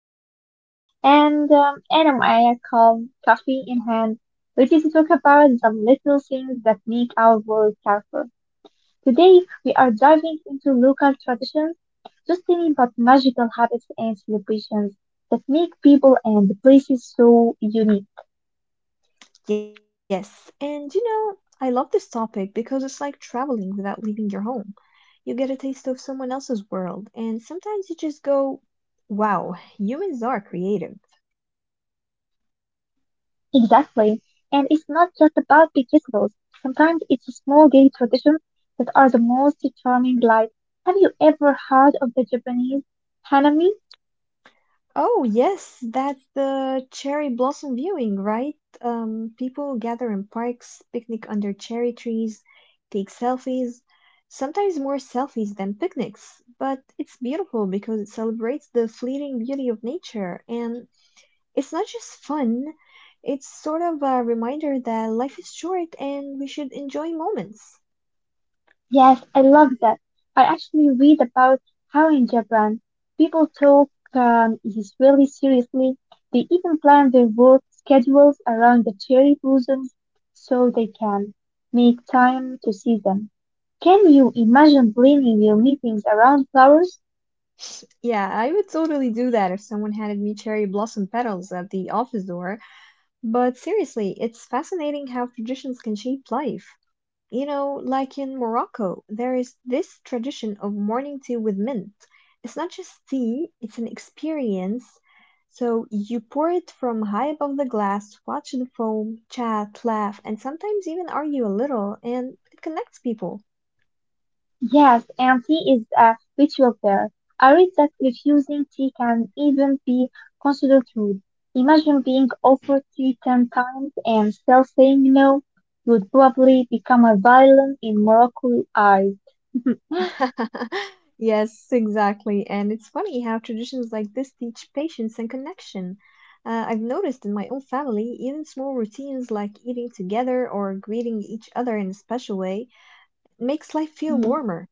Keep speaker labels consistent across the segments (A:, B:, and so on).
A: Mm. And Adam, I call coffee in hand, ready to talk about the little things that make our world colorful. Today, we are diving into local traditions, just tiny but magical habits and celebrations that make people and places so unique.
B: Yes, and you know, I love this topic because it's like traveling without leaving your home. You get a taste of someone else's world, and sometimes you just go, wow, humans are creative.
A: Exactly. And it's not just about big festivals. Sometimes it's the small daily traditions that are the most charming. Like, have you ever heard of the Japanese hanami?
B: Oh, yes, that the cherry blossom viewing, right? People gather in parks, picnic under cherry trees, take selfies, sometimes more selfies than picnics. But it's beautiful because it celebrates the fleeting beauty of nature. And it's not just fun, it's sort of a reminder that life is short and we should enjoy moments.
A: Yes, I love that. I actually read about how in Japan people talk this really seriously. They even plan their work schedules around the cherry blossoms so they can make time to see them. Can you imagine planning your meetings around flowers?
B: Yeah, I would totally do that if someone handed me cherry blossom petals at the office door. But seriously, it's fascinating how traditions can shape life. You know, like in Morocco, there is this tradition of morning tea with mint. It's not just tea, it's an experience. So you pour it from high above the glass, watch the foam, chat, laugh, and sometimes even argue a little, and it connects people.
A: Yes, and tea is a ritual there. I read that refusing tea can even be considered rude. Imagine being offered tea ten times and still saying no. You would probably become a villain in Moroccan eyes.
B: Yes, exactly. And it's funny how traditions like this teach patience and connection. I've noticed in my own family, even small routines like eating together or greeting each other in a special way makes life feel
A: Mm,
B: warmer.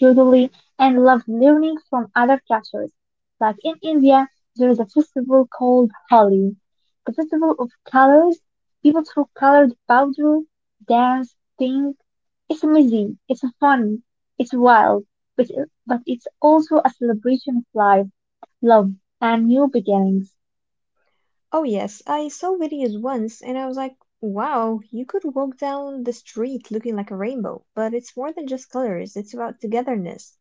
A: totally, and love learning from other cultures. Like in India, there is a festival called Holi, the festival of colors. People throw colored powder, dance, sing. It's messy, it's fun, it's wild, but but it's also a celebration of life, love, and new beginnings.
B: Oh, yes, I saw videos once and I was like, wow, you could walk down the street looking like a rainbow. But it's more than just colors, it's about togetherness.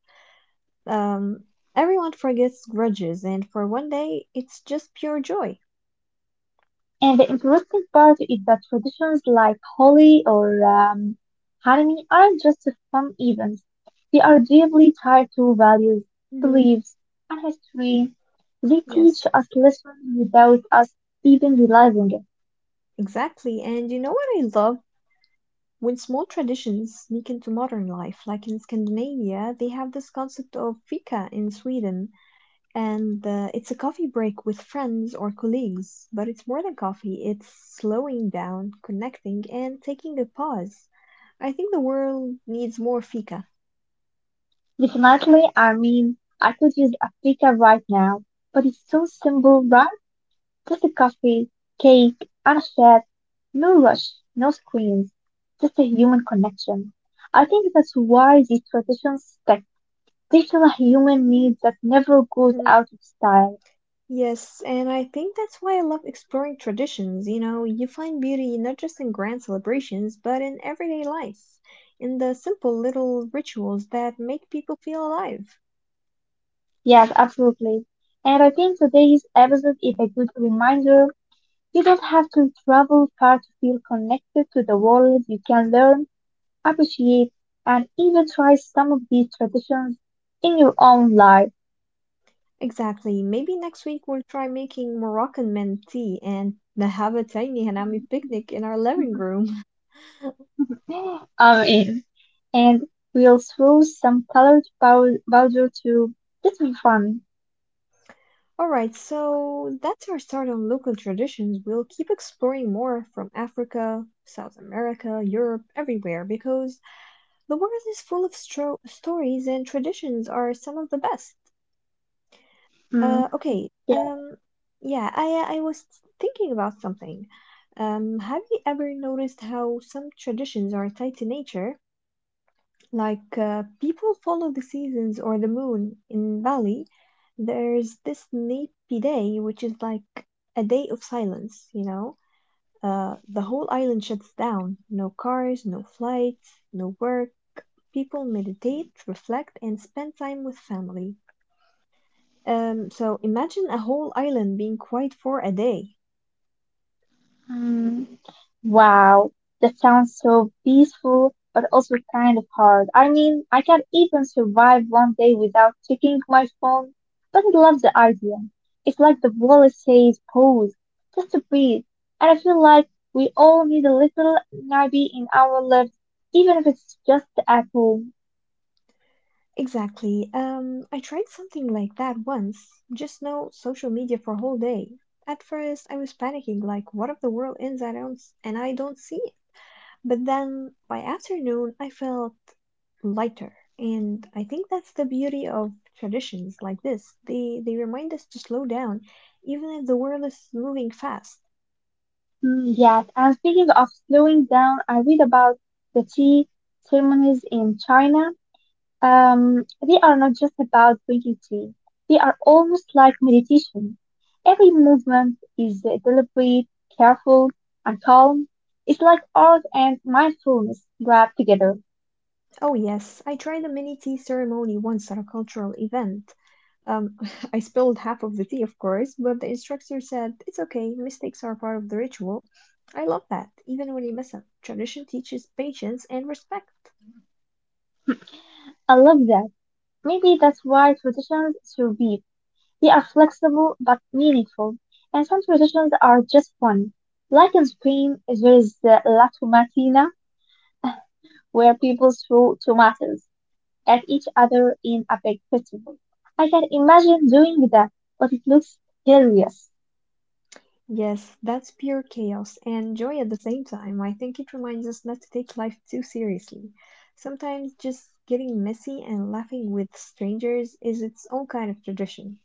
B: Um, Everyone forgets grudges, and for one day, it's just pure joy.
A: And the interesting part is that traditions like Holi or Hanami aren't just fun events. They are deeply tied to values,
B: Hmm.
A: beliefs, and history. They teach
B: Yes.
A: us lessons without us even realizing it.
B: Exactly. And you know what I love? When small traditions sneak into modern life, like in Scandinavia, they have this concept of fika in Sweden, and it's a coffee break with friends or colleagues. But it's more than coffee, it's slowing down, connecting, and taking a pause. I think the world needs more fika.
A: Definitely, I mean, I could use Africa right now, but it's so simple, right? Just a coffee, cake, and a chat. No rush, no screens, just a human connection. I think that's why these traditions stick. They feel a human need that never goes out of style.
B: Yes, and I think that's why I love exploring traditions. You know, you find beauty not just in grand celebrations, but in everyday life, in the simple little rituals that make people feel alive.
A: Yes, absolutely. And I think today's episode is a good reminder. You don't have to travel far to feel connected to the world. You can learn, appreciate, and even try some of these traditions in your own life.
B: Exactly. Maybe next week we'll try making Moroccan mint tea and have a tiny hanami picnic in our living room.
A: I'm in. And we'll throw some colored powder too. This will be fun.
B: All right, so that's our start on local traditions. We'll keep exploring more from Africa, South America, Europe, everywhere because the world is full of stro stories and traditions are some of the best.
A: Mm,
B: Okay.
A: yeah.
B: Yeah, I was thinking about something. Have you ever noticed how some traditions are tied to nature? Like people follow the seasons or the moon in Bali. There's this Napi Day, which is like a day of silence, you know? The whole island shuts down. No cars, no flights, no work. People meditate, reflect, and spend time with family. So imagine a whole island being quiet for a day.
A: Mm. Wow, that sounds so peaceful, but also kind of hard. I mean, I can't even survive one day without checking my phone, but I love the idea. It's like the wallet says pause, just to breathe. And I feel like we all need a little nappy in our lives, even if it's just at home.
B: Exactly. I tried something like that once. Just no social media for a whole day. At first, I was panicking, like, what if the world ends I don't, s- and I don't see it? But then, by afternoon, I felt lighter. And I think that's the beauty of traditions like this. They remind us to slow down, even if the world is moving fast.
A: Mm, yes, and speaking of slowing down, I read about the tea ceremonies in China. They are not just about drinking tea, they are almost like meditation. Every movement is deliberate, careful, and calm. It's like art and mindfulness wrapped together.
B: Oh yes, I tried a mini tea ceremony once at a cultural event. Um, I spilled half of the tea, of course, but the instructor said it's okay. Mistakes are part of the ritual. I love that, even when you mess up. Tradition teaches patience and respect.
A: I love that. Maybe that's why traditions survive. They are flexible but meaningful, and some traditions are just fun. Like in Spain, there is the La Tomatina, where people threw tomatoes at each other in a big festival. I can imagine doing that, but it looks hilarious.
B: Yes, that's pure chaos and joy at the same time. I think it reminds us not to take life too seriously. Sometimes just getting messy and laughing with strangers is its own kind of tradition.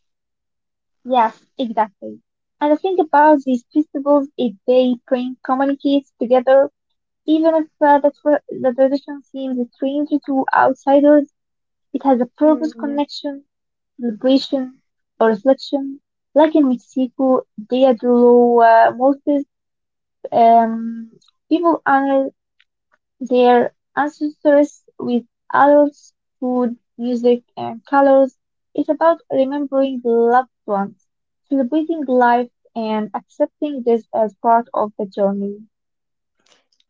A: Yes, exactly. And the thing about these festivals is they bring communities together, even if the tradition seems strange to outsiders, it has a purpose
B: Mm, yes.
A: connection, celebration, or reflection. Like in Mexico, Dia de los Muertos, um, people honor their ancestors with adults, food, music, and colors. It's about remembering loved ones, celebrating life, and accepting this as part of the journey.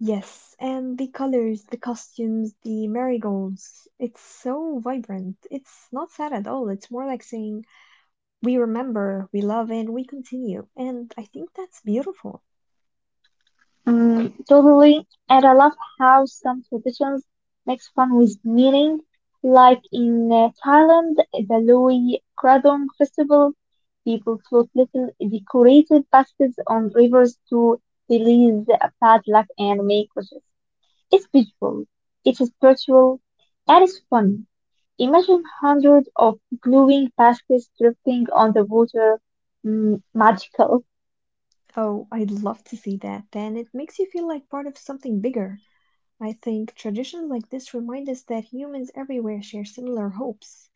B: Yes, and the colors, the costumes, the marigolds. It's so vibrant. It's not sad at all. It's more like saying, we remember, we love, and we continue. And I think that's beautiful.
A: Mm, totally. And I love how some traditions mix fun with meaning. Like in Thailand, the Lui Kradong festival, people float little decorated baskets on rivers to release bad luck and make wishes. It's beautiful, it is spiritual, and it's funny. Imagine hundreds of glowing baskets drifting on the water. Mm, magical.
B: Oh, I'd love to see that. And it makes you feel like part of something bigger. I think traditions like this remind us that humans everywhere share similar hopes,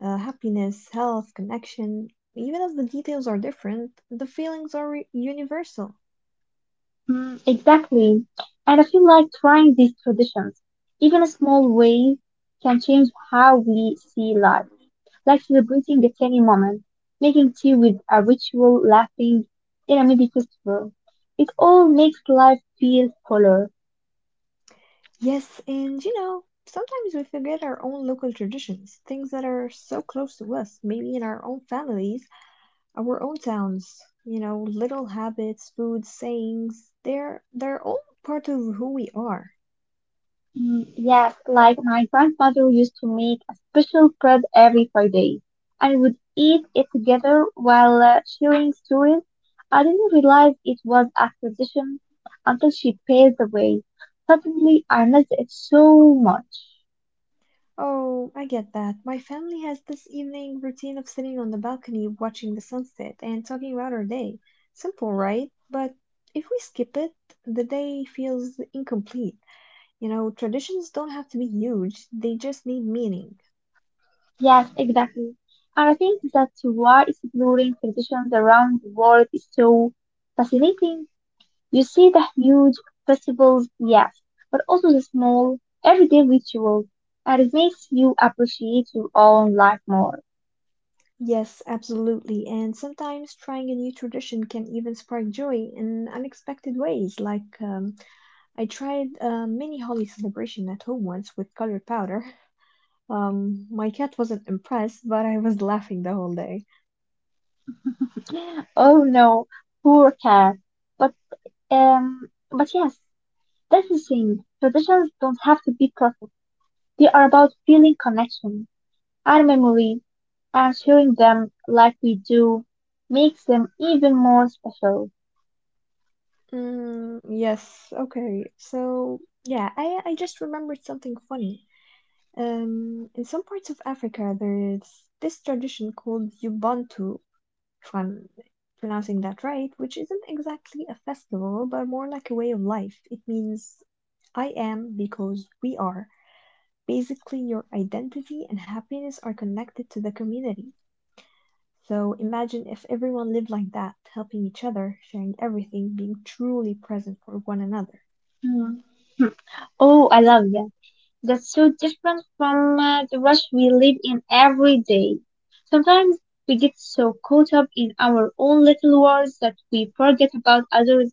B: happiness, health, connection. Even if the details are different, the feelings are re- universal.
A: Mm, exactly. And I feel like trying these traditions, even small ways, can change how we see life. Like celebrating a tiny moment, making tea with a ritual, laughing in a mini festival. It all makes life feel fuller.
B: Yes, and you know, sometimes we forget our own local traditions, things that are so close to us, maybe in our own families, our own towns. You know, little habits, foods, sayings, they're all part of who we are.
A: Mm, yes, like my grandmother used to make a special bread every Friday. I would eat it together while sharing stories. I didn't realize it was a tradition until she passed away. Suddenly, I missed it so much.
B: Oh, I get that. My family has this evening routine of sitting on the balcony watching the sunset and talking about our day. Simple, right? But if we skip it, the day feels incomplete. You know, traditions don't have to be huge, they just need meaning.
A: Yes, exactly. And I think that's why exploring traditions around the world is so fascinating. You see the huge festivals, yes, but also the small, everyday rituals, and it makes you appreciate your own life more.
B: Yes, absolutely. And sometimes trying a new tradition can even spark joy in unexpected ways. Like, I tried a mini holly celebration at home once with colored powder. My cat wasn't impressed, but I was laughing the whole day.
A: Oh no, poor cat. But but yes, that's the thing. Traditions don't have to be perfect. They are about feeling connection and memory, and sharing them like we do makes them even more special.
B: Mm, yes, okay. So, yeah, I just remembered something funny. In some parts of Africa, there's this tradition called Ubuntu, if I'm pronouncing that right, which isn't exactly a festival, but more like a way of life. It means I am because we are. Basically, your identity and happiness are connected to the community. So imagine if everyone lived like that, helping each other, sharing everything, being truly present for one another.
A: Hmm. Oh, I love that. That's so different from the rush we live in every day. Sometimes we get so caught up in our own little worlds that we forget about others.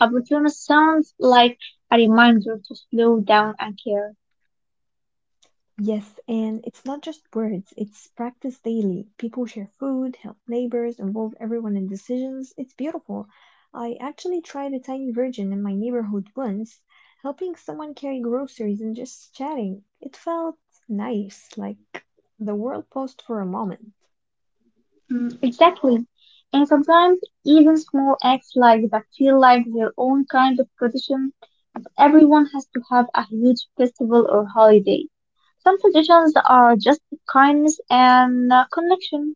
A: Opportunity sounds like a reminder to slow down and care.
B: Yes, and it's not just words, it's practice daily. People share food, help neighbors, involve everyone in decisions. It's beautiful. I actually tried a tiny version in my neighborhood once, helping someone carry groceries and just chatting. It felt nice, like the world paused for a moment.
A: Mm, exactly. And sometimes even small acts like that feel like their own kind of tradition. And everyone has to have a huge festival or holiday. Some traditions are just kindness and connection.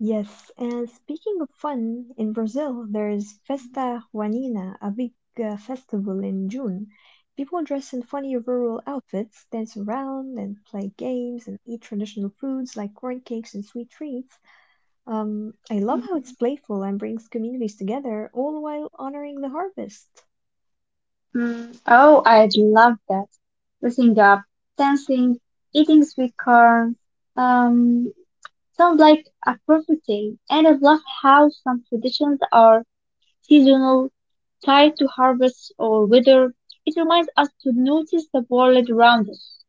B: Yes, and speaking of fun, in Brazil there is Festa Junina, a big festival in June. People dress in funny rural outfits, dance around and play games and eat traditional foods like corn cakes and sweet treats. I love how it's playful and brings communities together, all while honoring the harvest.
A: Mm, oh, I'd love that. Dressing up, dancing, eating sweet corn. Um, Sounds like a perfect day. And I love how some traditions are seasonal, tied to harvest or weather. It reminds us to notice the world around us.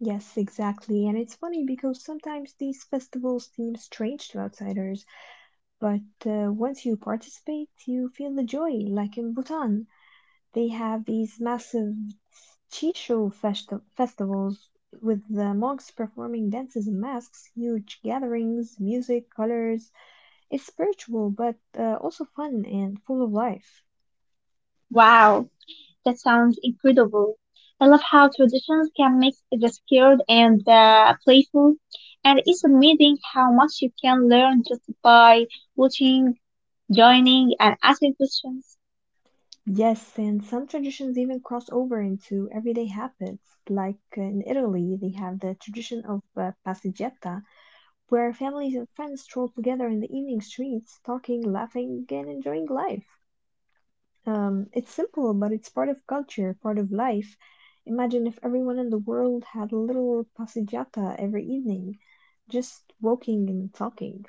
B: Yes, exactly. And it's funny because sometimes these festivals seem strange to outsiders, but once you participate, you feel the joy, like in Bhutan. They have these massive festivals with the monks performing dances and masks, huge gatherings, music, colors. It's spiritual, but also fun and full of life.
A: Wow, that sounds incredible. I love how traditions can mix the scared and the playful. And it's amazing how much you can learn just by watching joining, and asking questions.
B: Yes, and some traditions even cross over into everyday habits. Like in Italy, they have the tradition of passeggiata, where families and friends stroll together in the evening streets, talking, laughing, and enjoying life. It's simple, but it's part of culture, part of life. Imagine if everyone in the world had a little passeggiata every evening, just walking and talking.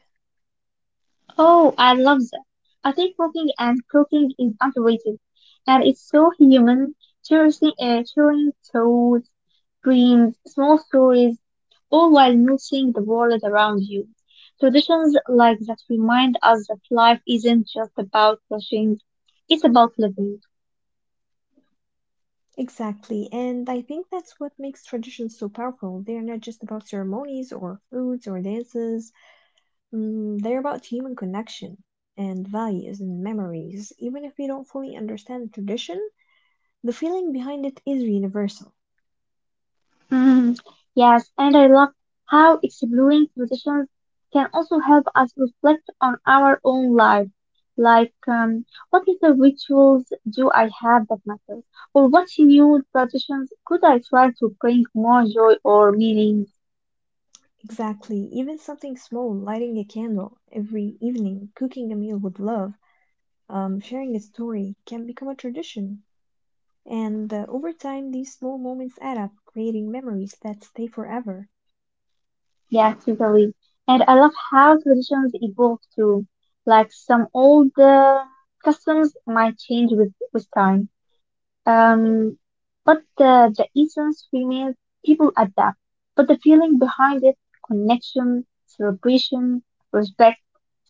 A: Oh, I love that. I think cooking and cooking is underrated, and it's so human, cherishing, sharing thoughts, dreams, small stories, all while noticing the world around you. Traditions like that remind us that life isn't just about rushing, it's about living.
B: Exactly, and I think that's what makes traditions so powerful. They are not just about ceremonies or foods or dances, mm, they're about human connection and values and memories. Even if we don't fully understand the tradition, the feeling behind it is universal.
A: Mm, yes, and I love how exploring traditions can also help us reflect on our own life. Like, what little rituals do I have that matters? Or what new traditions could I try to bring more joy or meaning?
B: Exactly. Even something small, lighting a candle every evening, cooking a meal with love, sharing a story can become a tradition. And over time, these small moments add up, creating memories that stay forever.
A: Yeah, totally. And I love how traditions evolve too. Like some old customs might change with time. Um, but the essence remains. People adapt, but the feeling behind it, connection, celebration, respect,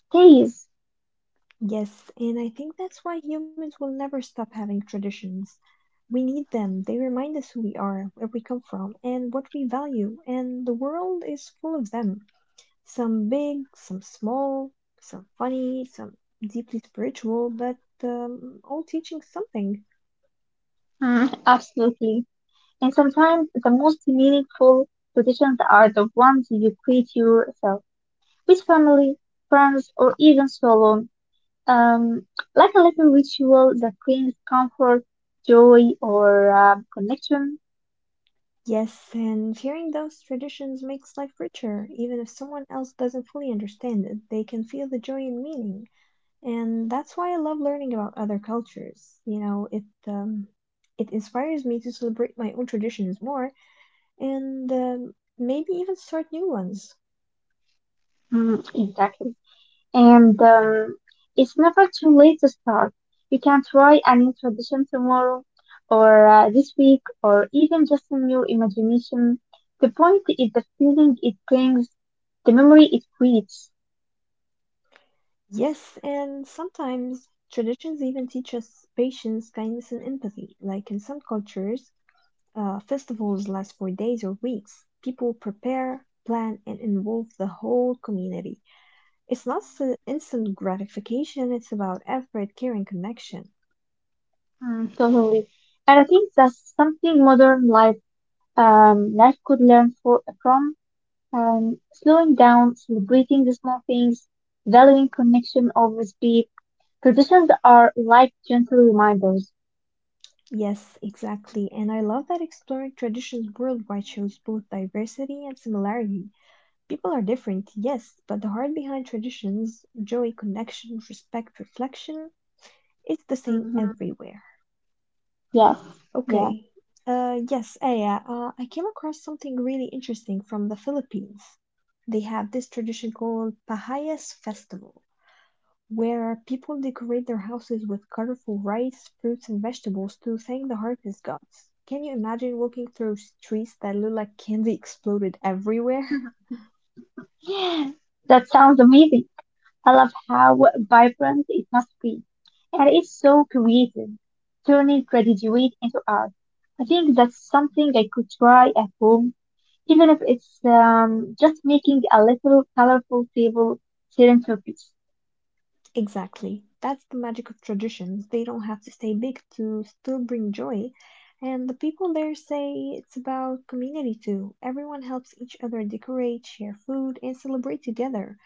A: stays.
B: Yes, and I think that's why humans will never stop having traditions. We need them. They remind us who we are, we come from, and what we value, and the world is full of them. Some big, some small, some funny, some deeply spiritual, but all teaching something.
A: Mm, absolutely. And sometimes the most meaningful traditions are the ones you create yourself with family, friends, or even solo. Um, like a little ritual that brings comfort, joy, or connection.
B: Yes, and sharing those traditions makes life richer. Even if someone else doesn't fully understand it, they can feel the joy and meaning. And that's why I love learning about other cultures. You know, it inspires me to celebrate my own traditions more and maybe even start new ones.
A: Mm, exactly. And it's never too late to start. You can try a new tradition tomorrow, or this week, or even just in your imagination. The point is the feeling it brings, the memory it creates.
B: Yes, and sometimes traditions even teach us patience, kindness, and empathy. Like in some cultures, festivals last for days or weeks. People prepare, plan, and involve the whole community. It's not s- instant gratification, it's about effort, care, and connection.
A: Mm, totally. And I think that's something modern life, life could learn from. Slowing down, celebrating the small things, valuing connection over speed. Traditions are like gentle reminders.
B: Yes, exactly. And I love that exploring traditions worldwide shows both diversity and similarity. People are different, yes, but the heart behind traditions, joy, connection, respect, reflection, it's the same
A: Mhm.
B: everywhere.
A: Yes. Yeah.
B: Okay. Yes, Aya, I came across something really interesting from the Philippines. They have this tradition called Pahayas Festival, where people decorate their houses with colorful rice, fruits, and vegetables to thank the harvest gods. Can you imagine walking through streets that look like candy exploded everywhere?
A: That sounds amazing. I love how vibrant it must be. And it's so creative, turning graduate into art. I think that's something I could try at home, even if it's just making a little colorful table sitting for peace.
B: Exactly. That's the magic of traditions. They don't have to stay big to still bring joy. And the people there say it's about community too. Everyone helps each other decorate, share food, and celebrate together.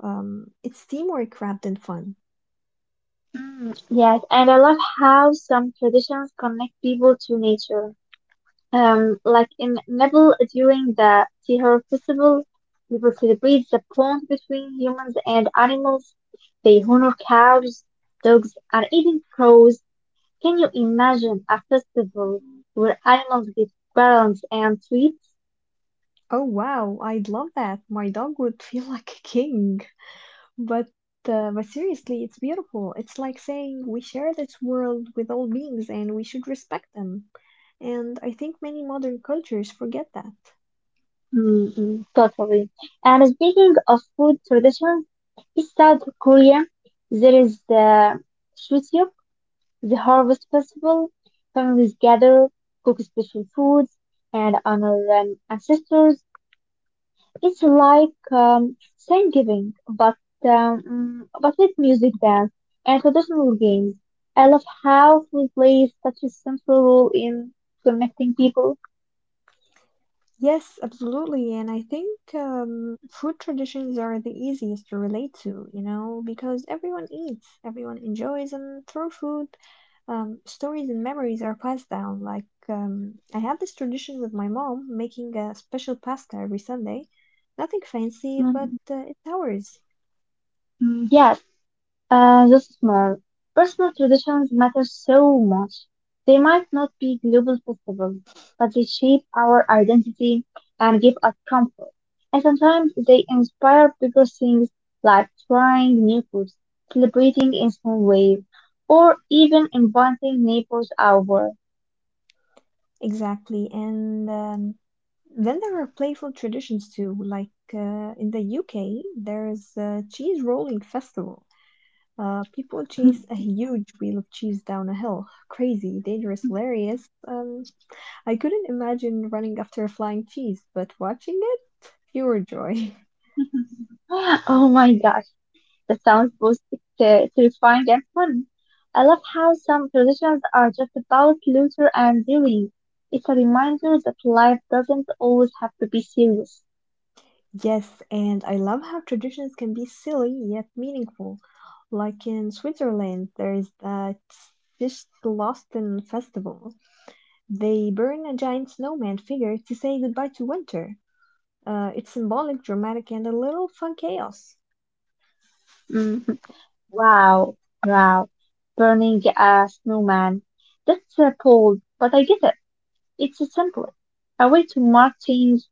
B: It's teamwork wrapped in fun.
A: Mm, yes, and I love how some traditions connect people to nature. Like in Nepal during the Tihar festival, people celebrate the bond between humans and animals. They honor cows, dogs, and even crows. Can you imagine a festival where animals get balance and treats?
B: Oh wow, I'd love that. My dog would feel like a king. But but seriously, it's beautiful. It's like saying we share this world with all beings and we should respect them. And I think many modern cultures forget that.
A: Mm-mm, totally. And speaking of food traditions, in South Korea, there is the Chuseok. The harvest festival, families gather, cook special foods, and honor ancestors. It's like Thanksgiving, but but with music, dance, and traditional games. I love how food plays such a central role in connecting people.
B: Yes, absolutely. And I think food traditions are the easiest to relate to, you know, because everyone eats, everyone enjoys, and through food, stories and memories are passed down. Like, I had this tradition with my mom making a special pasta every Sunday. Nothing fancy, but
A: Mm,
B: it's ours.
A: mm, yes. The small personal traditions matter so much. They might not be global festivals, but they shape our identity and give us comfort. And sometimes they inspire bigger things like trying new foods, celebrating in small ways, or even inviting neighbors over.
B: Exactly. And then there are playful traditions too. Like in the UK, there's a cheese rolling festival. People chase a huge wheel of cheese down a hill. Crazy, dangerous, hilarious. I couldn't imagine running after a flying cheese, but watching it, pure joy.
A: Oh my gosh, that sounds both terrifying and fun. I love how some traditions are just about laughter and doing. It's a reminder that life doesn't always have to be serious.
B: Yes, and I love how traditions can be silly yet meaningful. Like in Switzerland, there is that Fish Festival. They burn a giant snowman figure to say goodbye to winter. It's symbolic, dramatic, and a little fun chaos.
A: Mhm. Wow, wow. Burning a snowman. That's bold, but I get it. It's a simple. A way to mark change,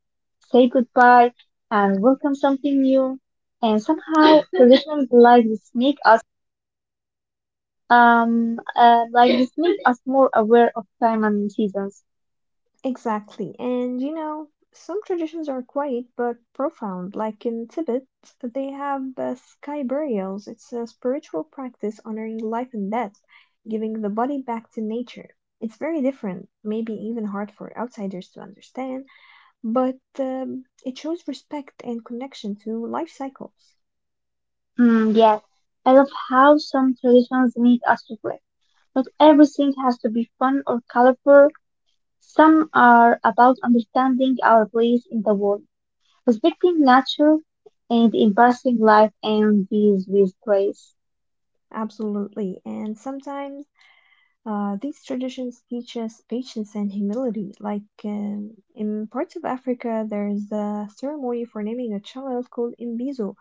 A: say goodbye, and welcome something new. And somehow traditions like this make us like Disney us more aware of time and seasons.
B: Exactly. And you know, some traditions are quiet but profound. Like in Tibet, they have sky burials. It's a spiritual practice honoring life and death, giving the body back to nature. It's very different, maybe even hard for outsiders to understand, but it shows respect and connection to life cycles.
A: Mm, yes, I love how some traditions make us reflect. Not everything has to be fun or colorful. Some are about understanding our place in the world, respecting nature, and embracing life and these with grace.
B: Absolutely. And sometimes these traditions teach us patience and humility. Like in parts of Africa, there's a ceremony for naming a child called Imbizo,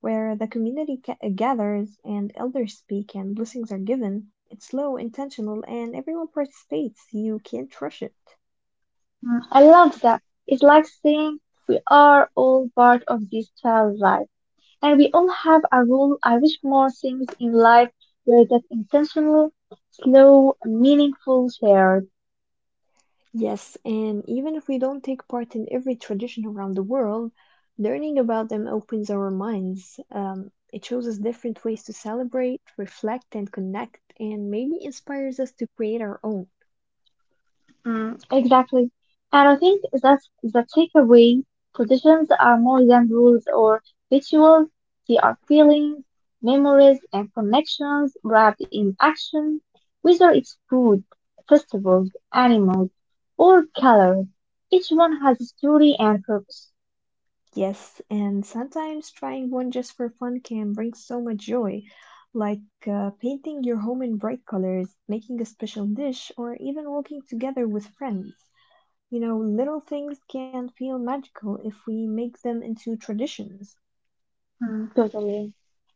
B: where the community gathers and elders speak and blessings are given. It's slow, intentional, and everyone participates. You can't rush it.
A: Mm, I love that. It's like saying we are all part of this child life. And we all have a rule I wish more things in life were that intentional, slow, meaningful, shared.
B: Yes, and even if we don't take part in every tradition around the world, learning about them opens our minds. It shows us different ways to celebrate, reflect, and connect, and maybe inspires us to create our own.
A: Mm, exactly. And I think that's the takeaway. Traditions are more than rules or rituals. They are feelings, memories, and connections wrapped in action, whether it's food, festivals, animals, or colors. Each one has a story and purpose.
B: Yes, and sometimes trying one just for fun can bring so much joy, like painting your home in bright colors, making a special dish, or even walking together with friends. You know, little things can feel magical if we make them into traditions.
A: Mm, totally.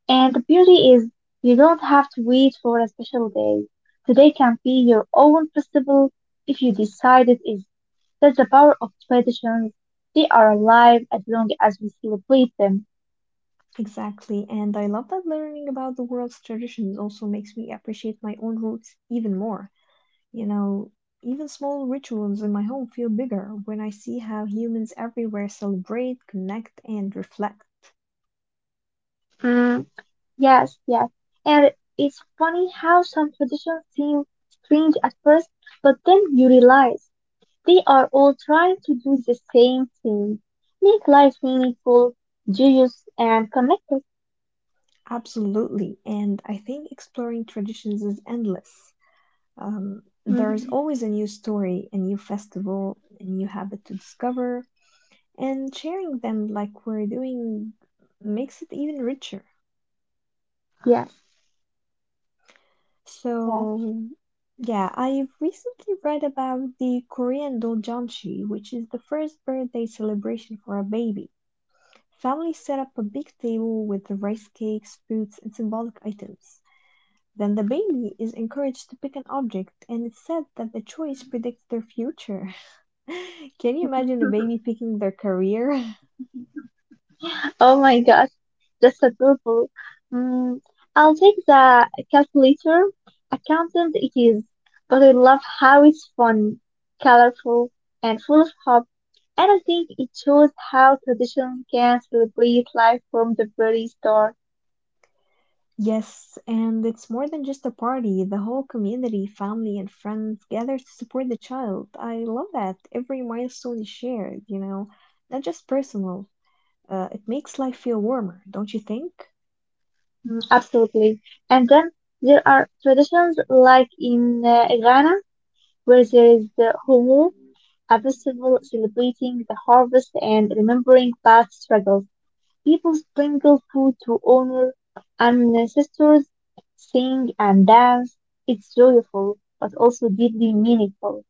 A: And the beauty is you don't have to wait for a special day. Today can be your own festival if you decide it is. That's the power of traditions. They are alive as long as we celebrate them.
B: Exactly, and I love that learning about the world's traditions also makes me appreciate my own roots even more. You know, even small rituals in my home feel bigger when I see how humans everywhere celebrate, connect, and reflect.
A: Mm, yes, yes. And it's funny how some traditions seem strange at first, but then you realize they are all trying to do the same thing. Make life meaningful, joyous, and connected.
B: Absolutely, and I think exploring traditions is endless. There is
A: Mhm.
B: always a new story, a new festival, a new habit to discover, and sharing them like we're doing makes it even richer.
A: Yes, yes.
B: So, yeah, I recently read about the Korean Doljanchi, which is the first birthday celebration for a baby. Families set up a big table with rice cakes, fruits, and symbolic items. Then the baby is encouraged to pick an object, and it's said that the choice predicts their future. Can you imagine a baby picking their career?
A: Oh my God, that's adorable. Mm, I'll take the calculator. Accountant it is, but I love how it's fun, colorful, and full of hope. And I think it shows how tradition can celebrate life from the very start.
B: Yes, and it's more than just a party. The whole community, family, and friends gather to support the child. I love that. Every milestone is shared, you know, not just personal. It makes life feel warmer, don't you think?
A: Mm, absolutely. And then there are traditions like in Ghana, where there is the Homo, a festival celebrating the harvest and remembering past struggles. People sprinkle food to honor ancestors, sing and dance. It's joyful, but also deeply meaningful.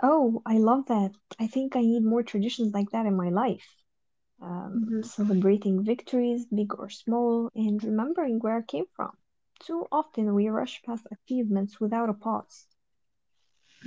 B: Oh, I love that. I think I need more traditions like that in my life. Celebrating victories, big or small, and remembering where I came from. Too often we rush past achievements without a pause.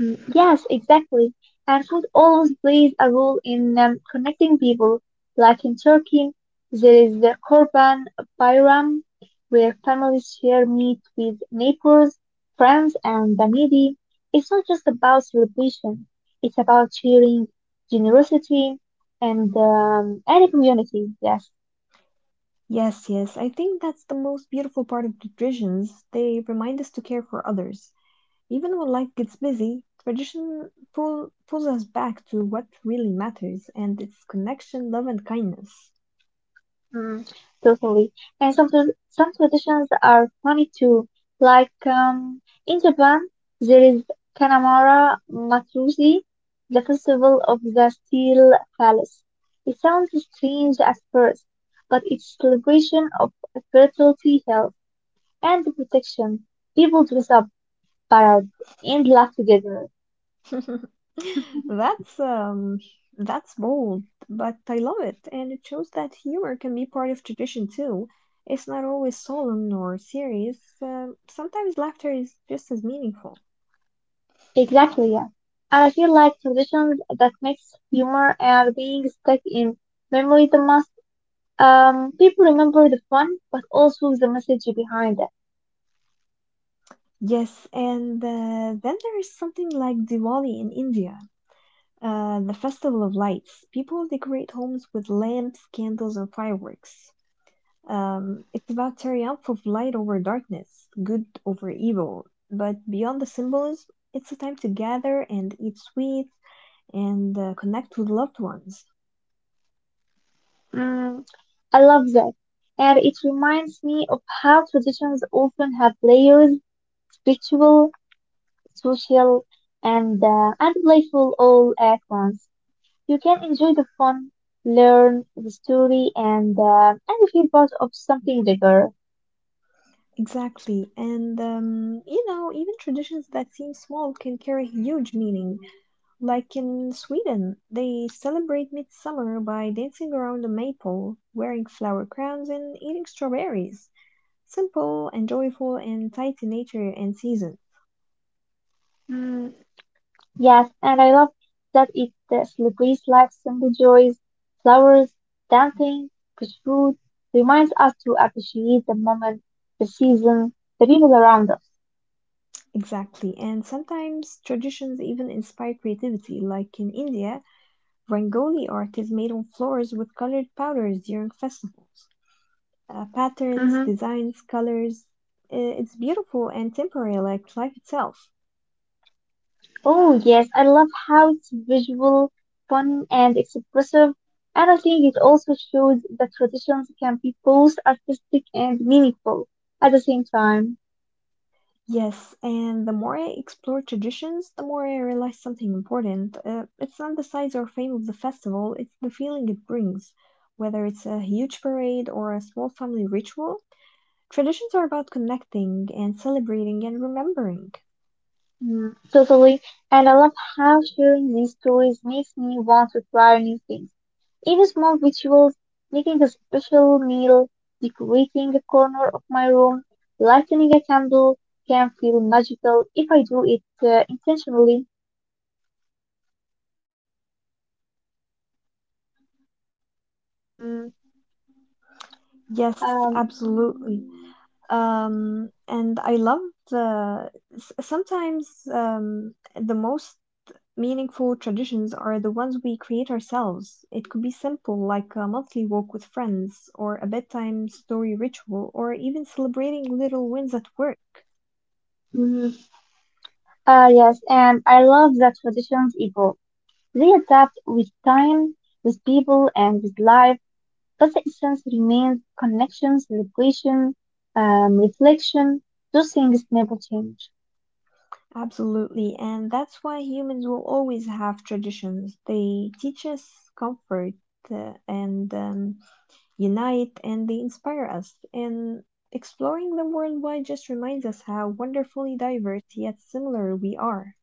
A: Mm, yes, exactly. And food always plays a role in connecting people. Like in Turkey, there is the Kurban Bayram, where families share meat with neighbors, friends, and the needy. It's not just about celebration, it's about sharing generosity and community. Yes.
B: Yes, yes. I think that's the most beautiful part of traditions. They remind us to care for others. Even when life gets busy, pulls us back to what really matters, and it's connection, love, and kindness.
A: Mm, totally. And some traditions are funny too. Like in Japan, there is Kanamara Matsuri, the festival of the steel palace. It sounds strange at first, but it's celebration of fertility, health, and protection. People dress up, parade, and laugh together.
B: That's that's bold, but I love it, and it shows that humor can be part of tradition too. It's not always solemn or serious. Sometimes laughter is just as meaningful.
A: Exactly, yeah. And I feel like traditions that makes humor and being stuck in memory the most. People remember the fun, but also the message behind it.
B: Yes, and then there is something like Diwali in India, the festival of lights. People decorate homes with lamps, candles, and fireworks. It's about triumph of light over darkness, good over evil. But beyond the symbols, it's a time to gather and eat sweets and connect with loved ones.
A: Mm, I love that. And it reminds me of how traditions often have layers, spiritual, social, and playful all at once. You can enjoy the fun, learn the story, and feel part of something bigger.
B: Exactly, and you know, even traditions that seem small can carry huge meaning. Like in Sweden, they celebrate midsummer by dancing around a maypole, wearing flower crowns, and eating strawberries. Simple and joyful and tied to nature and season.
A: Mm, yes, and I love that it celebrates life's simple joys, flowers, dancing, fresh food, reminds us to appreciate the moment, the season, the people around us.
B: Exactly, and sometimes traditions even inspire creativity. Like in India, Rangoli art is made on floors with colored powders during festivals. Patterns,
A: Mm-hmm.
B: designs, colors. It's beautiful and temporary, like life itself.
A: Oh, yes, I love how it's visual, fun, and expressive. And I think it also shows that traditions can be both artistic and meaningful at the same time.
B: Yes, and the more I explore traditions, the more I realize something important. It's not the size or fame of the festival, it's the feeling it brings. Whether it's a huge parade or a small family ritual, traditions are about connecting and celebrating and remembering.
A: Mm, totally. And I love how sharing these stories makes me want to try new things. Even small rituals, making a special meal, decorating a corner of my room, lighting a candle, can feel magical if I do it intentionally. Mm,
B: Yes,
A: um,
B: absolutely. And I love sometimes the most meaningful traditions are the ones we create ourselves. It could be simple, like a monthly walk with friends, or a bedtime story ritual, or even celebrating little wins at work.
A: mm, yes, and I love that traditions evolve. They adapt with time, with people, and with life, but the essence remains connection, celebration, reflection. Those things never change.
B: Absolutely, and that's why humans will always have traditions. They teach us comfort and unite, and they inspire us. And exploring them worldwide just reminds us how wonderfully diverse yet similar we are.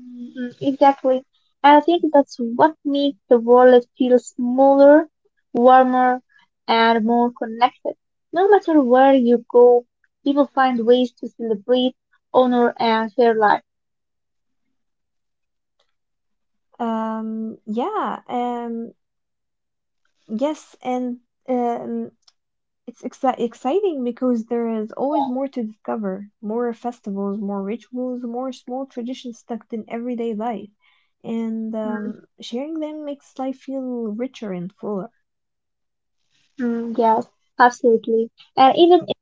A: Exactly. And I think that's what makes the world feel smaller, warmer, and more connected. No matter where you go, people find ways to celebrate, honor, and share life.
B: Um, yeah, um, yes, and um, it's exciting because there is always more to discover, more festivals, more rituals, more small traditions stuck in everyday life. And
A: Mm,
B: sharing them makes life feel richer and fuller.
A: yes, absolutely. And even in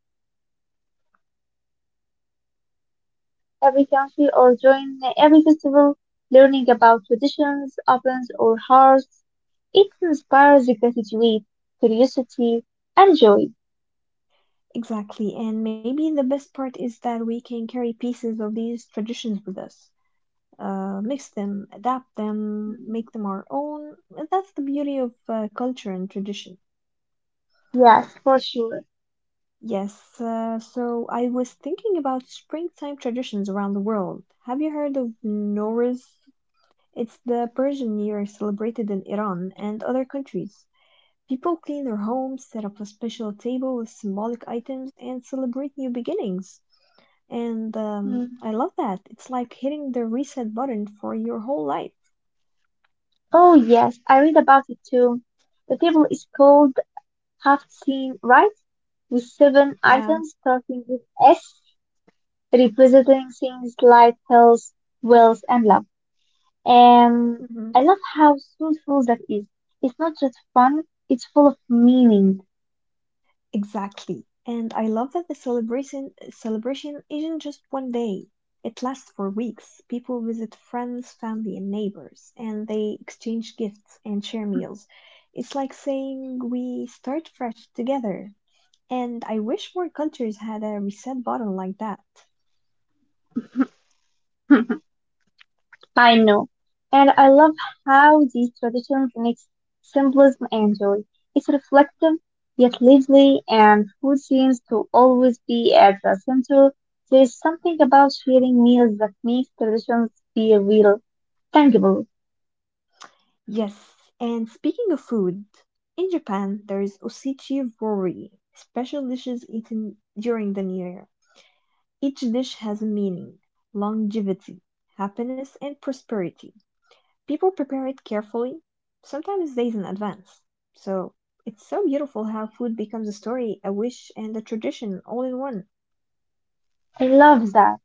A: every country or during every festival, learning about traditions, ovens, or hearts, it inspires gratitude, curiosity, and joy.
B: Exactly. And maybe the best part is that we can carry pieces of these traditions with us, mix them, adapt them,
A: Mm,
B: make them our own. And that's the beauty of culture and tradition.
A: yes, for sure.
B: Yes, so I was thinking about springtime traditions around the world. Have you heard of Nowruz? It's the Persian New Year celebrated in Iran and other countries. People clean their homes, set up a special table with symbolic items, and celebrate new beginnings. And,
A: Mm.
B: I love that. It's like hitting the reset button for your whole life.
A: Oh yes, I read about it too. The table is called Half Scene, right? With seven
B: Yeah.
A: items starting with S, representing things like health, wealth, and love. Um,
B: Hmm.
A: I love how thoughtful that is. It's not just fun; it's full of meaning.
B: Exactly. And I love that the celebration isn't just one day. It lasts for weeks. People visit friends, family, and neighbors, and they exchange gifts and share meals. It's like saying we start fresh together. And I wish more cultures had a reset button like that.
A: I know. And I love how these traditions mix symbolism and joy. It's reflective, yet lively, and food seems to always be at the center. There's something about sharing meals that makes traditions feel real, tangible.
B: Yes, and speaking of food, in Japan there is Osechi Rory, special dishes eaten during the New Year. Each dish has a meaning, longevity, happiness, and prosperity. People prepare it carefully, sometimes days in advance. So it's so beautiful how food becomes a story, a wish, and a tradition all in one.
A: I love that.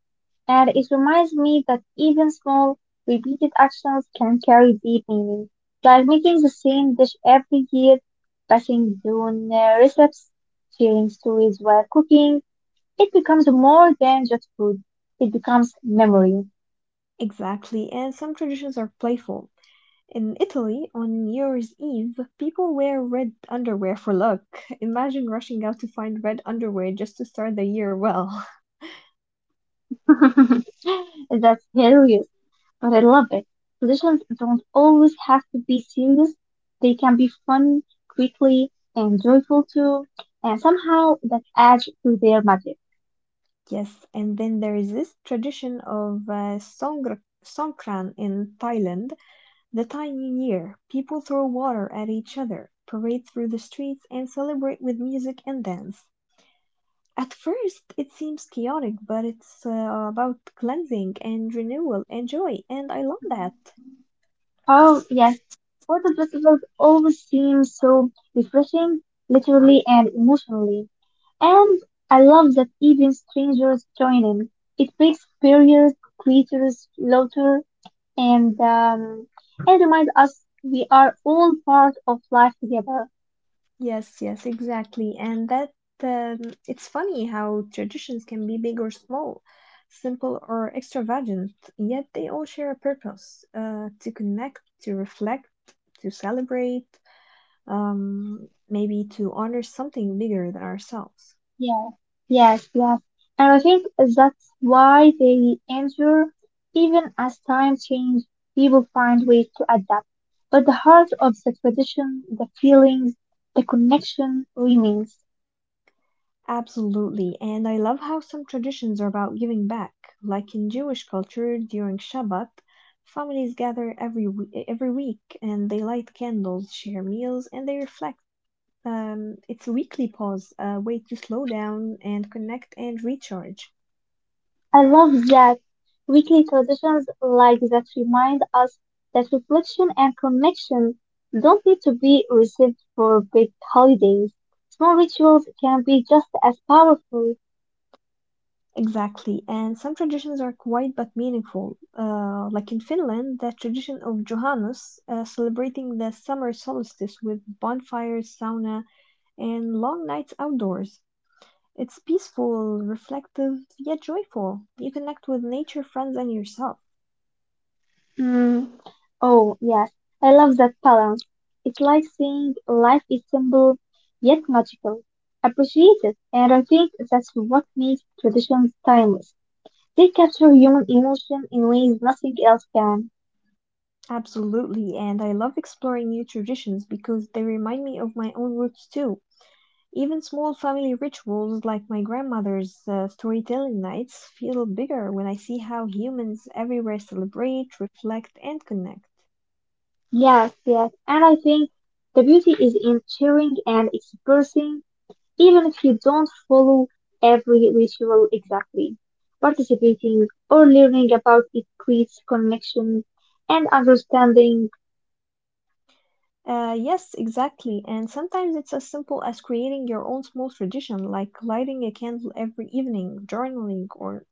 A: And it reminds me that even small, repeated actions can carry deep meaning, like making the same dish every year, passing down recipes, sharing stories while cooking. It becomes more than just food. It becomes memory.
B: Exactly, and some traditions are playful. In Italy, on New Year's Eve, people wear red underwear for luck. Imagine rushing out to find red underwear just to start the year well.
A: That's hilarious, but I love it. Traditions don't always have to be serious. They can be fun, quickly, and joyful too. And somehow that adds to their magic.
B: Yes, and then there is this tradition of Songkran in Thailand, the Thai New Year. People throw water at each other, parade through the streets, and celebrate with music and dance. At first, it seems chaotic, but it's about cleansing and renewal and joy, and I love that.
A: Oh yes, water festivals always seem so refreshing, literally and emotionally. And I love that even strangers join in. It makes barriers, creatures, laughter, and um, and remind us we are all part of life together.
B: Yes, yes, exactly. And that um, it's funny how traditions can be big or small, simple or extravagant, yet they all share a purpose, to connect, to reflect, to celebrate, maybe to honor something bigger than ourselves.
A: Yeah, yes, yes. And I think that's why they endure, even as time change, people find ways to adapt. But the heart of the tradition, the feelings, the connection remains.
B: Absolutely. And I love how some traditions are about giving back, like in Jewish culture during Shabbat. Families gather every week and they light candles, share meals, and they reflect. It's a weekly pause, a way to slow down and connect and recharge.
A: I love that. Weekly traditions like that remind us that reflection and connection don't need to be received for big holidays. Small rituals can be just as powerful.
B: Exactly. And some traditions are quiet but meaningful. Like in Finland, the tradition of Johannes, celebrating the summer solstice with bonfires, sauna, and long nights outdoors. It's peaceful, reflective, yet joyful. You connect with nature, friends, and yourself.
A: Mm. Oh, yes. I love that balance. It's like saying life is simple yet magical. Appreciate it, and I think that's what makes traditions timeless. They capture human emotion in ways nothing else can.
B: Absolutely, and I love exploring new traditions because they remind me of my own roots too. Even small family rituals like my grandmother's storytelling nights feel bigger when I see how humans everywhere celebrate, reflect, and connect.
A: Yes, yes, and I think the beauty is in sharing and expressing, even if you don't follow every ritual exactly. Participating or learning about it creates connection and understanding.
B: Yes, exactly. And sometimes it's as simple as creating your own small tradition, like lighting a candle every evening, journaling, or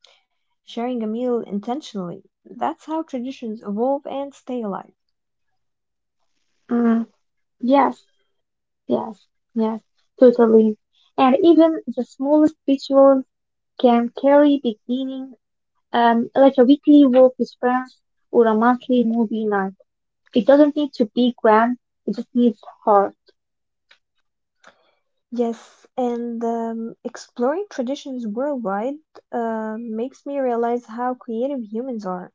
B: sharing a meal intentionally. That's how traditions evolve and stay alive.
A: Mm, yes, yes, yes, totally. And even the smallest rituals can carry big meaning, like a weekly walk with friends or a monthly movie night. It doesn't need to be grand, it just needs heart.
B: Yes, and exploring traditions worldwide makes me realize how creative humans are,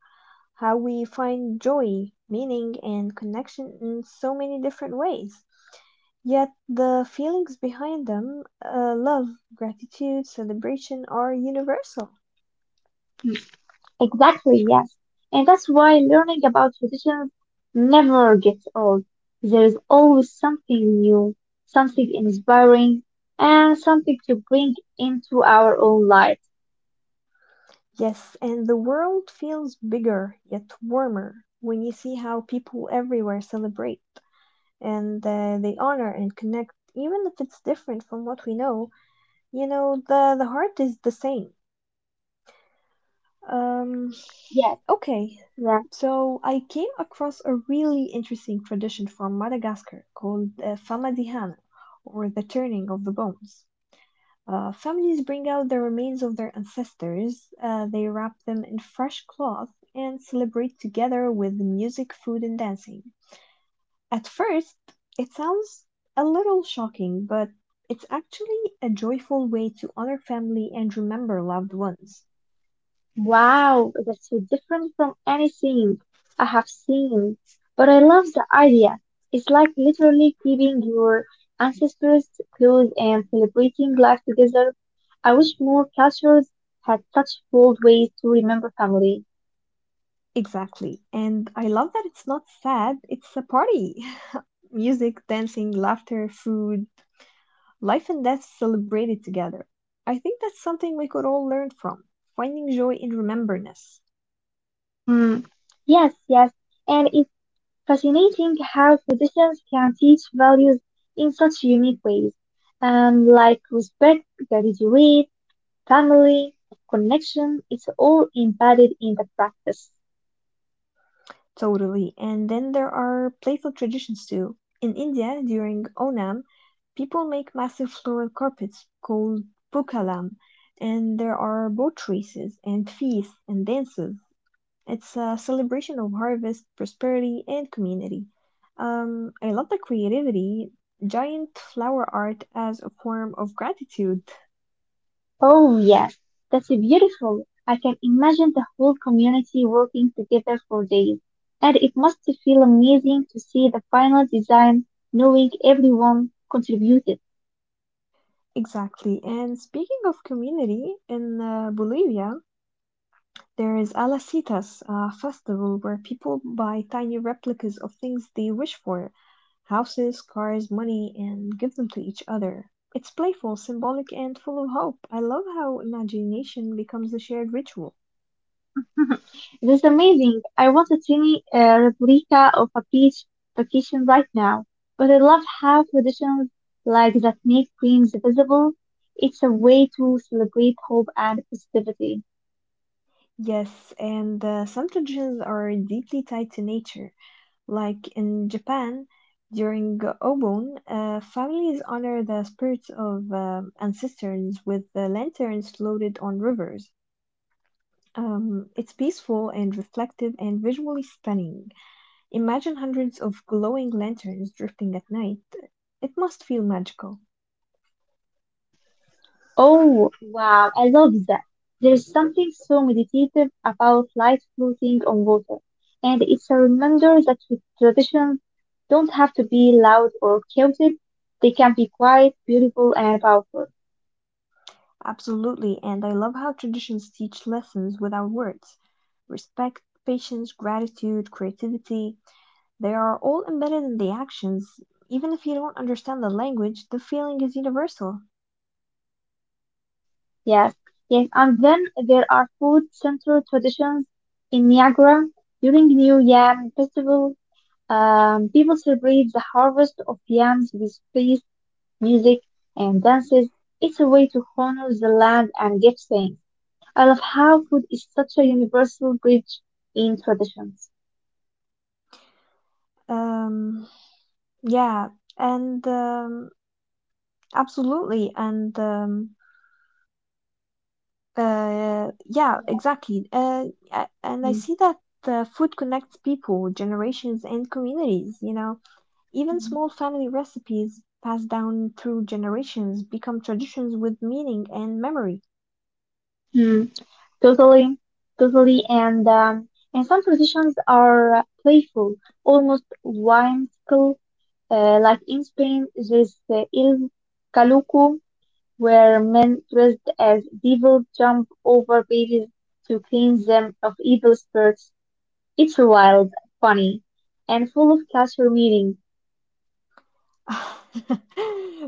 B: how we find joy, meaning, and connection in so many different ways. Yet the feelings behind them, love, gratitude, celebration, are universal.
A: Exactly, yes. And that's why learning about traditions never gets old. There is always something new, something inspiring, and something to bring into our own lives.
B: Yes, and the world feels bigger yet warmer when you see how people everywhere celebrate and they honor and connect, even if it's different from what we know. You know, the heart is the same. Um,
A: Yes,
B: okay,
A: yes.
B: so I came across a really interesting tradition from Madagascar called Famadihana, or the turning of the bones. Families bring out the remains of their ancestors, they wrap them in fresh cloth, and celebrate together with music, food, and dancing. At first, it sounds a little shocking, but it's actually a joyful way to honor family and remember loved ones.
A: Wow, that's so different from anything I have seen. But I love the idea. It's like literally keeping your ancestors close and celebrating life together. I wish more cultures had such bold ways to remember family.
B: Exactly. And I love that it's not sad, it's a party. Music, dancing, laughter, food, life and death celebrated together. I think that's something we could all learn from, finding joy in rememberness.
A: Hmm. Yes, yes. And it's fascinating how positions can teach values in such unique ways. Like respect, gratitude, family, connection, it's all embedded in the practice.
B: Totally. And then there are playful traditions too. In India, during Onam, people make massive floral carpets called pukalam, and there are boat races and feasts and dances. It's a celebration of harvest, prosperity, and community. I love the creativity, giant flower art as a form of gratitude.
A: Oh, yes, that's beautiful. I can imagine the whole community working together for days. And it must feel amazing to see the final design knowing everyone contributed.
B: Exactly. And speaking of community, in Bolivia, there is Alacitas, a festival where people buy tiny replicas of things they wish for, houses, cars, money, and give them to each other. It's playful, symbolic, and full of hope. I love how imagination becomes a shared ritual.
A: That's amazing. I want a tiny replica of a beach vacation right now. But I love how traditions like that make dreams visible. It's a way to celebrate hope and positivity.
B: Yes, and some traditions are deeply tied to nature. Like in Japan, during Obon, families honor the spirits of ancestors with the lanterns floated on rivers. It's peaceful and reflective and visually stunning. Imagine hundreds of glowing lanterns drifting at night. It must feel magical.
A: Mm. Oh, wow. I love that. There's something so meditative about light floating on water. And it's a reminder that with traditions don't have to be loud or chaotic. They can be quiet, beautiful, and powerful.
B: Absolutely, and I love how traditions teach lessons without words. Respect, patience, gratitude, creativity, they are all embedded in the actions. Even if you don't understand the language, the feeling is universal.
A: Yes, yes, and then there are food central traditions in Niagara. During New Yam Festival, people celebrate the harvest of yams with feast, music, and dances. It's a way to honor the land and give thanks. I love how food is such a universal bridge in traditions.
B: Um, yeah, and absolutely, and yeah, exactly. And I see that food connects people, generations, and communities. Even small family recipes passed down through generations become traditions with meaning and memory.
A: Mhm. Totally, totally, and some traditions are playful, almost whimsical. Like in Spain, there's the Il Caluco, where men dressed as devils jump over babies to cleanse them of evil spirits. It's wild, funny, and full of cultural meaning.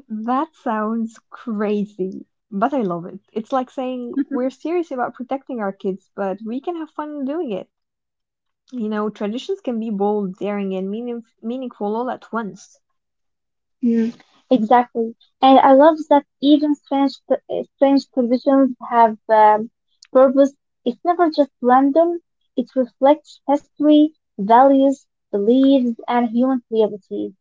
B: That sounds crazy, but I love it. It's like saying we're serious about protecting our kids, but we can have fun doing it. You know, traditions can be bold, daring, and meaningful all at once.
A: Mm, exactly. And I love that even strange traditions have purpose. It's never just random. It reflects history, values, beliefs, and human creativity.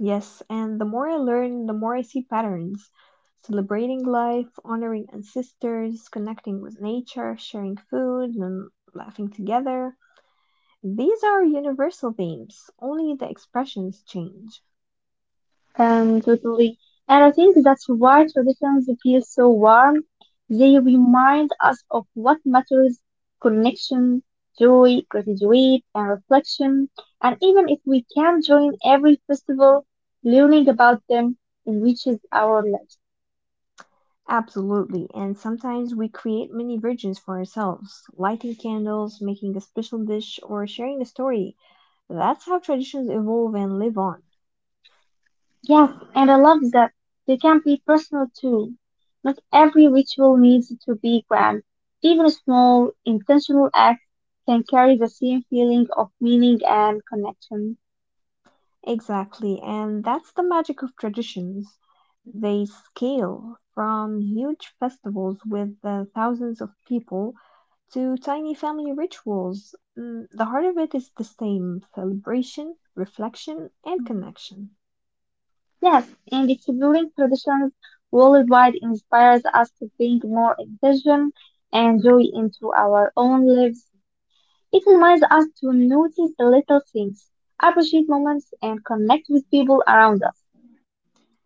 B: Yes, and the more I learn, the more I see patterns. Celebrating life, honoring ancestors, connecting with nature, sharing food, and laughing together. These are universal themes, only the expressions change.
A: Totally. And I think that's why traditions feel so warm. They remind us of what matters, connection, joy, gratitude, and reflection. And even if we can't join every festival, learning about them enriches our lives.
B: Absolutely, and sometimes we create mini versions for ourselves, lighting candles, making a special dish, or sharing a story. That's how traditions evolve and live on.
A: Yes, and I love that they can be personal too. Not every ritual needs to be grand. Even small, intentional acts can carry the same feeling of meaning and connection.
B: Exactly, and that's the magic of traditions. They scale from huge festivals with thousands of people to tiny family rituals. Mm, the heart of it is the same, celebration, reflection, and
A: Mm.
B: connection.
A: Yes, and exploring traditions worldwide inspires us to bring more excitement and joy into our own lives. It reminds us to notice the little things, appreciate moments, and connect with people around us.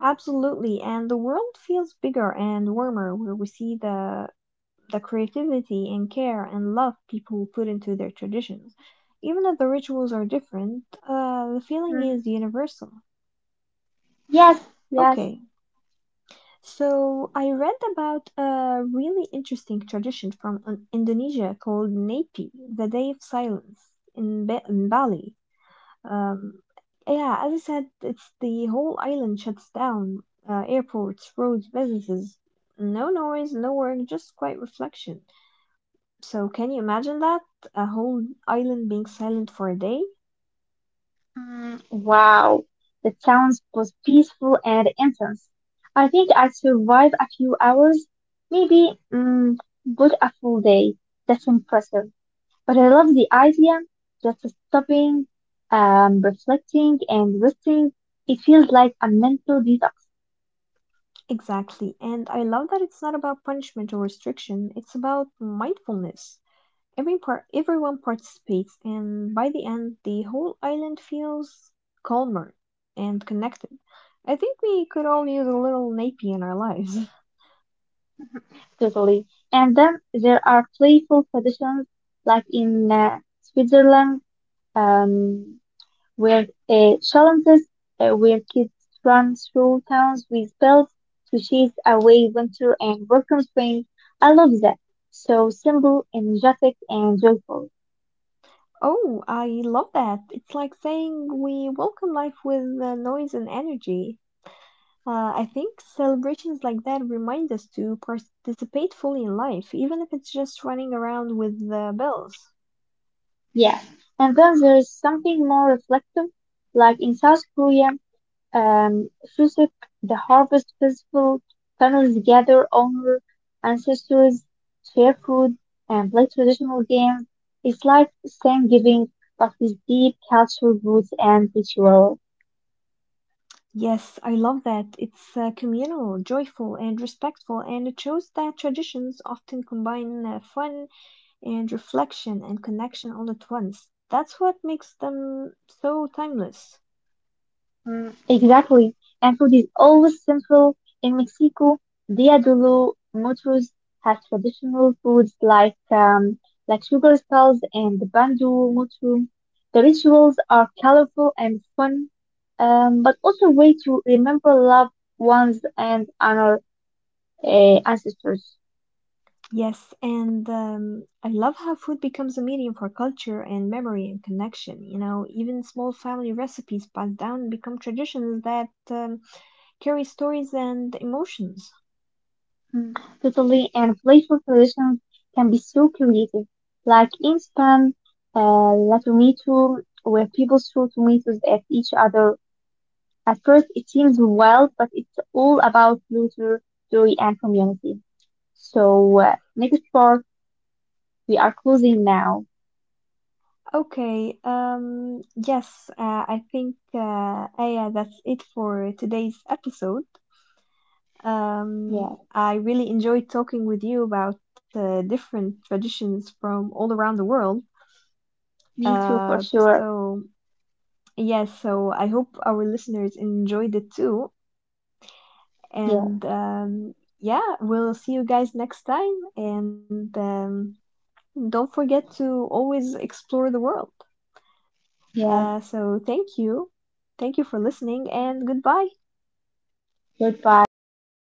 B: Absolutely, and the world feels bigger and warmer where we see the creativity and care and love people put into their traditions. Even if the rituals are different, the feeling
A: Mm,
B: is universal.
A: yes, yes.
B: Okay, so I read about a really interesting tradition from Indonesia called Napi, the Day of Silence in, in Bali. Um, yeah, as I said, it's, the whole island shuts down. Airports, roads, businesses. No noise, no work, just quiet reflection. So can you imagine that? A whole island being silent for a day?
A: Mm, wow, the sounds was peaceful and intense. I think I survived a few hours, maybe, mm, but a full day. That's impressive. But I love the idea just stopping, reflecting, and resting, it feels like a mental detox,
B: Exactly. And I love that it's not about punishment or restriction, it's about mindfulness. Everyone participates, and by the end, the whole island feels calmer and connected. I think we could all use a little Nappy in our lives.
A: totally. And then there are playful traditions, like in Switzerland, um, where uh, challenges, where kids run through towns with bells to chase away winter and welcome spring. I love that. So simple, energetic, and joyful.
B: Oh, I love that. It's like saying we welcome life with noise and energy. I think celebrations like that remind us to participate fully in life, even if it's just running around with the bells.
A: Yes, and then there is something more reflective, like in South Korea, um, Chuseok, the harvest festival, families gather, honor ancestors, share food, and play traditional games. It's like Thanksgiving, but with deep cultural roots and ritual.
B: Yes, I love that. It's communal, joyful, and respectful, and it shows that traditions often combine fun and reflection and connection all at once. That's what makes them so timeless.
A: Mm, exactly. And food is always simple. In Mexico, Dia de los Muertos has traditional foods like sugar skulls and the bandul mushroom. The rituals are colorful and fun, but also a way to remember loved ones and honor ancestors.
B: Yes, and I love how food becomes a medium for culture and memory and connection. You know, even small family recipes passed down become traditions that carry stories and emotions.
A: Mm, totally, and playful solutions can be so creative, like instant la tomato, where people throw tomatoes at each other. At first, it seems wild, but it's all about laughter, joy, and community. So, next part, we are closing now.
B: Okay, yes, I think, Aya, that's it for today's episode. Um,
A: Yeah,
B: I really enjoyed talking with you about different traditions from all around the world.
A: me too, for
B: Uh,
A: sure.
B: so, yes, so I hope our listeners enjoyed it too. And
A: Yeah,
B: yeah, we'll see you guys next time. And don't forget to always explore the world. Uh,
A: yeah,
B: so thank you. Thank you for listening and goodbye.
A: goodbye.